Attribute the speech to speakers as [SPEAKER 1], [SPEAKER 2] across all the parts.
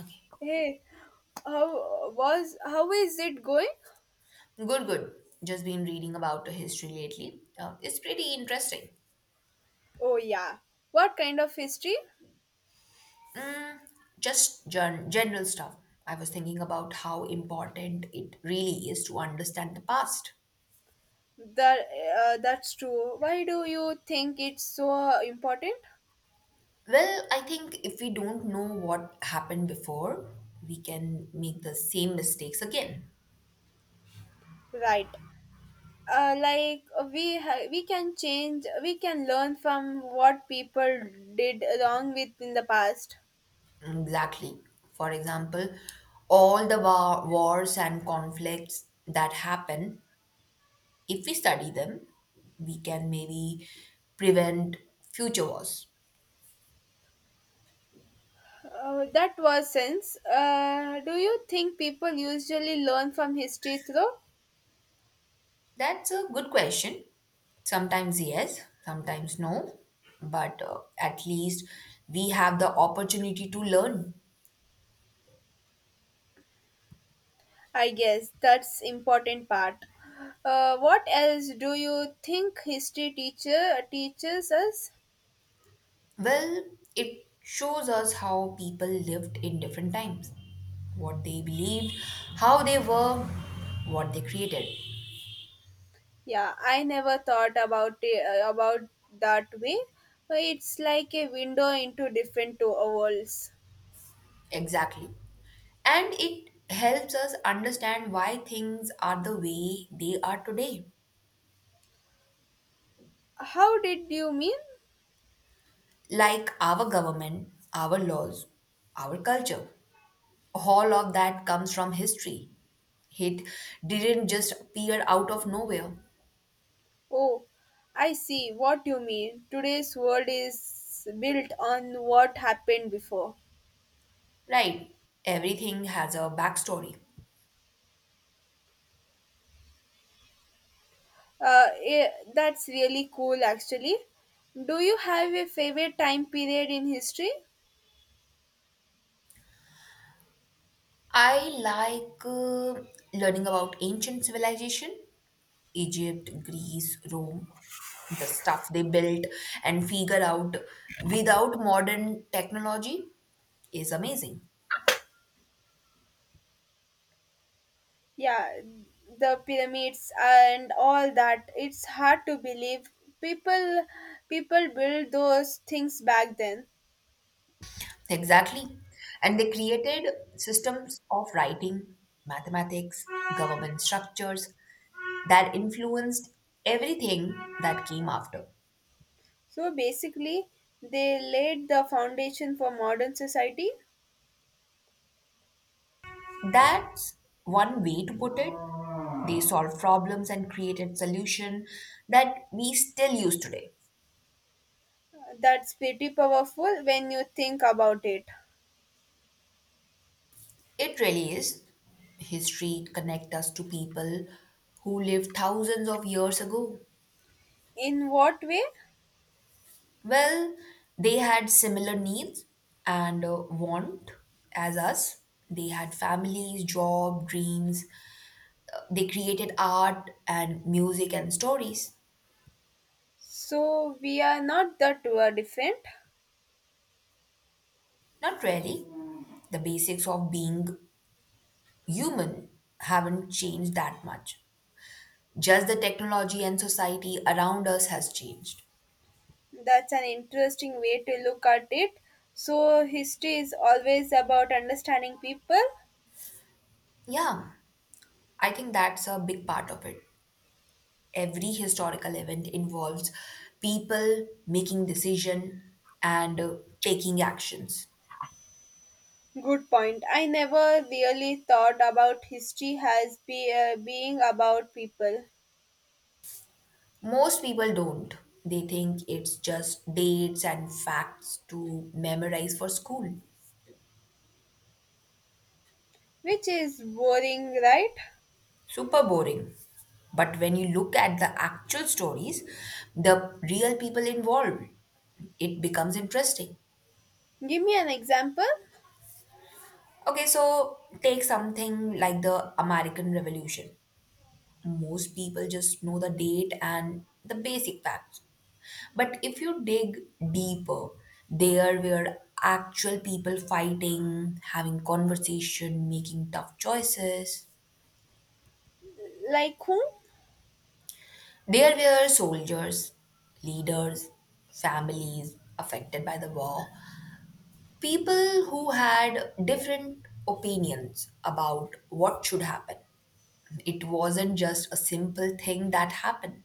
[SPEAKER 1] Okay.
[SPEAKER 2] Hey, how is it going?
[SPEAKER 1] Good, good. Just been reading about the history lately. It's pretty interesting.
[SPEAKER 2] Oh yeah. What kind of history?
[SPEAKER 1] Just general stuff. I was thinking about how important it really is to understand the past.
[SPEAKER 2] That that's true. Why do you think it's so important?
[SPEAKER 1] Well, I think if we don't know what happened before, we can make the same mistakes again.
[SPEAKER 2] Right. Uh, like we can change. We can learn from what people did wrong with in the past.
[SPEAKER 1] Exactly. For example, all the wars and conflicts that happen, if we study them, we can maybe prevent future wars.
[SPEAKER 2] That was sense. Do you think people usually learn from history through?
[SPEAKER 1] That's a good question. Sometimes yes, sometimes no, but at least we have the opportunity to learn.
[SPEAKER 2] I guess that's important part. What else do you think history teacher teaches us?
[SPEAKER 1] Well, it shows us how people lived in different times, what they believed, how they were, what they created.
[SPEAKER 2] Yeah, I never thought about it, about that way. It's like a window into different worlds.
[SPEAKER 1] Exactly. And it helps us understand why things are the way they are today,
[SPEAKER 2] How did you mean?
[SPEAKER 1] like our government, our laws, our culture. All of that comes from history. It didn't just appear out of nowhere.
[SPEAKER 2] Oh, I see what you mean. Today's world is built on what happened before.
[SPEAKER 1] Right. Everything has a backstory.
[SPEAKER 2] Uh, that's really cool, actually. Do you have a favorite time period in history?
[SPEAKER 1] I like learning about ancient civilization, Egypt, Greece, Rome, the stuff they built and figure out without modern technology is amazing.
[SPEAKER 2] Yeah, the pyramids and all that, it's hard to believe people people built those things back then.
[SPEAKER 1] Exactly. And they created systems of writing, mathematics, government structures, that influenced everything that came after.
[SPEAKER 2] So basically they laid the foundation for modern society.
[SPEAKER 1] That's one way to put it. They solved problems and created solutions that we still use today.
[SPEAKER 2] That's pretty powerful when you think about it.
[SPEAKER 1] It really is. History connects us to people who lived thousands of years ago.
[SPEAKER 2] In what way?
[SPEAKER 1] Well, they had similar needs and want as us. They had families, job, dreams. They created art and music and stories.
[SPEAKER 2] So we are not that were different.
[SPEAKER 1] Not really. The basics of being human haven't changed that much. Just the technology and society around us has changed.
[SPEAKER 2] That's an interesting way to look at it. So history is always about understanding people.
[SPEAKER 1] Yeah, I think that's a big part of it. Every historical event involves people making decision and taking actions.
[SPEAKER 2] Good point. I never really thought about history as being about people,
[SPEAKER 1] Most people don't. They think it's just dates and facts to memorize for school.
[SPEAKER 2] which is boring, right?
[SPEAKER 1] Super boring. But when you look at the actual stories, the real people involved, it becomes interesting.
[SPEAKER 2] Give me an example.
[SPEAKER 1] Okay, so take something like the American Revolution. Most people just know the date and the basic facts. But if you dig deeper, there were actual people fighting, having conversation, making tough choices.
[SPEAKER 2] Like whom?
[SPEAKER 1] There were soldiers, leaders, families affected by the war. People who had different opinions about what should happen. It wasn't just a simple thing that happened,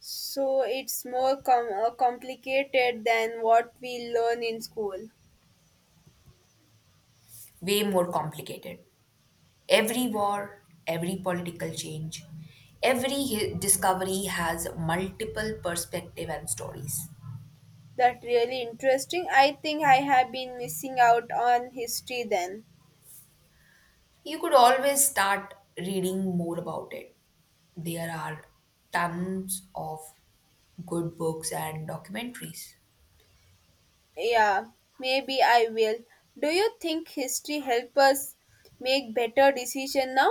[SPEAKER 2] So it's more complicated than what we learn in school.
[SPEAKER 1] way more complicated. Every war, every political change, every discovery has multiple perspective and stories.
[SPEAKER 2] That really interesting. I think I have been missing out on history then.
[SPEAKER 1] You could always start reading more about it. There are tons of good books and documentaries.
[SPEAKER 2] Yeah, maybe I will. Do you think history help us make better decision now?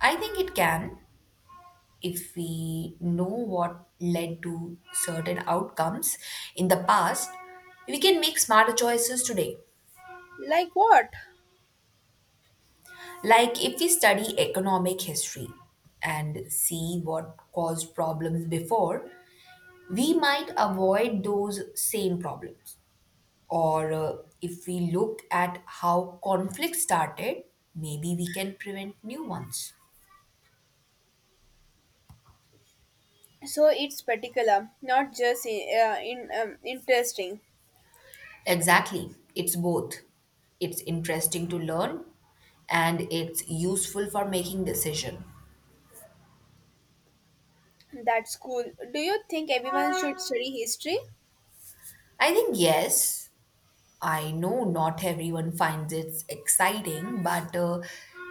[SPEAKER 1] I think it can. If we know what led to certain outcomes in the past, we can make smarter choices today.
[SPEAKER 2] Like what?
[SPEAKER 1] Like if we study economic history and see what caused problems before, we might avoid those same problems. Or if we look at how conflict started, maybe we can prevent new ones.
[SPEAKER 2] So it's particular not just in interesting.
[SPEAKER 1] Exactly. It's both. It's interesting to learn and it's useful for making decision.
[SPEAKER 2] That's cool. Do you think everyone should study history,
[SPEAKER 1] I think yes, I know not everyone finds it exciting, but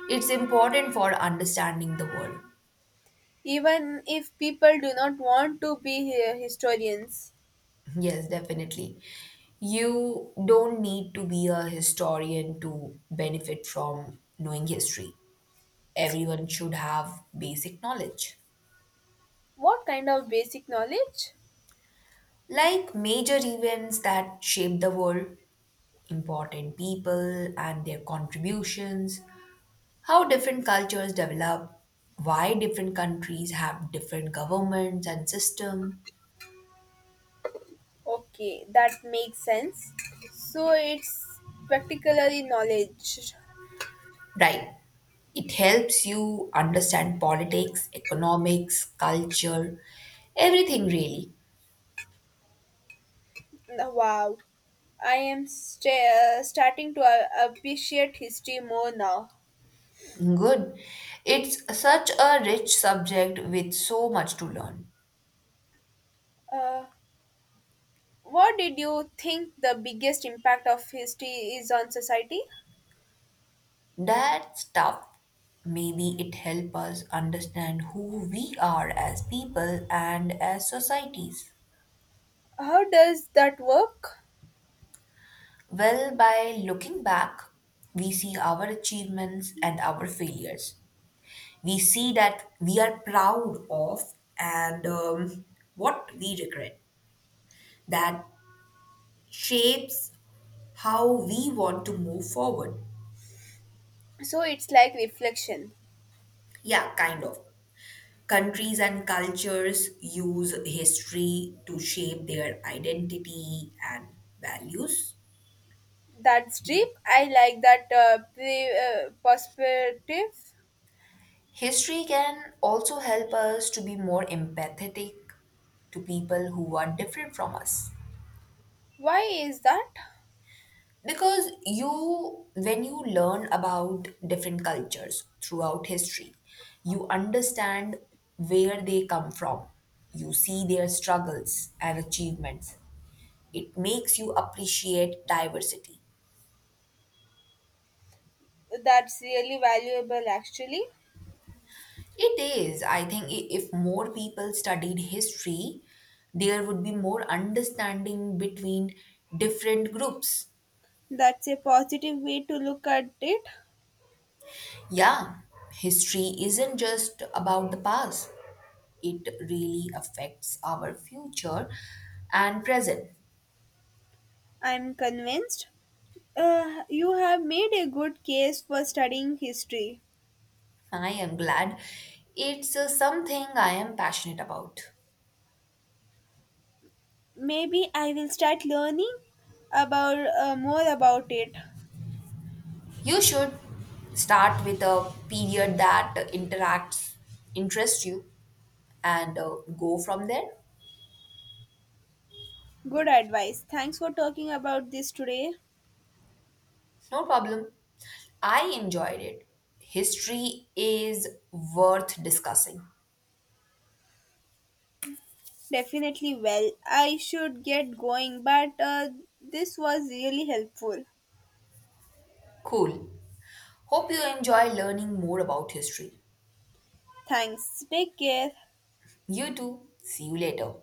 [SPEAKER 1] it's important for understanding the world.
[SPEAKER 2] even if people do not want to be historians?
[SPEAKER 1] Yes, definitely. You don't need to be a historian to benefit from knowing history. Everyone should have basic knowledge.
[SPEAKER 2] What kind of basic knowledge?
[SPEAKER 1] Like major events that shape the world, important people and their contributions, how different cultures develop, why different countries have different governments and system.
[SPEAKER 2] Okay, that makes sense. So it's particularly knowledge.
[SPEAKER 1] Right. It helps you understand politics, economics, culture, everything really.
[SPEAKER 2] Wow, starting to appreciate history more now.
[SPEAKER 1] Good. It's such a rich subject with so much to learn.
[SPEAKER 2] uh, What did you think the biggest impact of history is on society?
[SPEAKER 1] That stuff maybe it help us understand who we are as people and as societies.
[SPEAKER 2] How does that work?
[SPEAKER 1] Well, by looking back, we see our achievements and our failures. We see that we are proud of and what we regret. That shapes how we want to move forward.
[SPEAKER 2] So it's like reflection.
[SPEAKER 1] Yeah, kind of. Countries and cultures use history to shape their identity and values.
[SPEAKER 2] That's deep. I like that perspective.
[SPEAKER 1] History can also help us to be more empathetic to people who are different from us.
[SPEAKER 2] Why is that?
[SPEAKER 1] Because when you learn about different cultures throughout history, you understand where they come from. You see their struggles and achievements. It makes you appreciate diversity.
[SPEAKER 2] That's really valuable, actually.
[SPEAKER 1] It is, I think, if more people studied history, there would be more understanding between different groups.
[SPEAKER 2] That's a positive way to look at it.
[SPEAKER 1] Yeah, history isn't just about the past, it really affects our future and present.
[SPEAKER 2] I'm convinced. You have made a good case for studying history.
[SPEAKER 1] I am glad it's something I am passionate about.
[SPEAKER 2] Maybe I will start learning about more about it.
[SPEAKER 1] You should start with a period that interacts interests you and go from there.
[SPEAKER 2] Good advice. Thanks for talking about this today.
[SPEAKER 1] No problem. I enjoyed it. History is worth discussing.
[SPEAKER 2] Definitely well. I should get going, but this was really helpful.
[SPEAKER 1] Cool. Hope you enjoy learning more about history.
[SPEAKER 2] Thanks. Take care.
[SPEAKER 1] You too. See you later.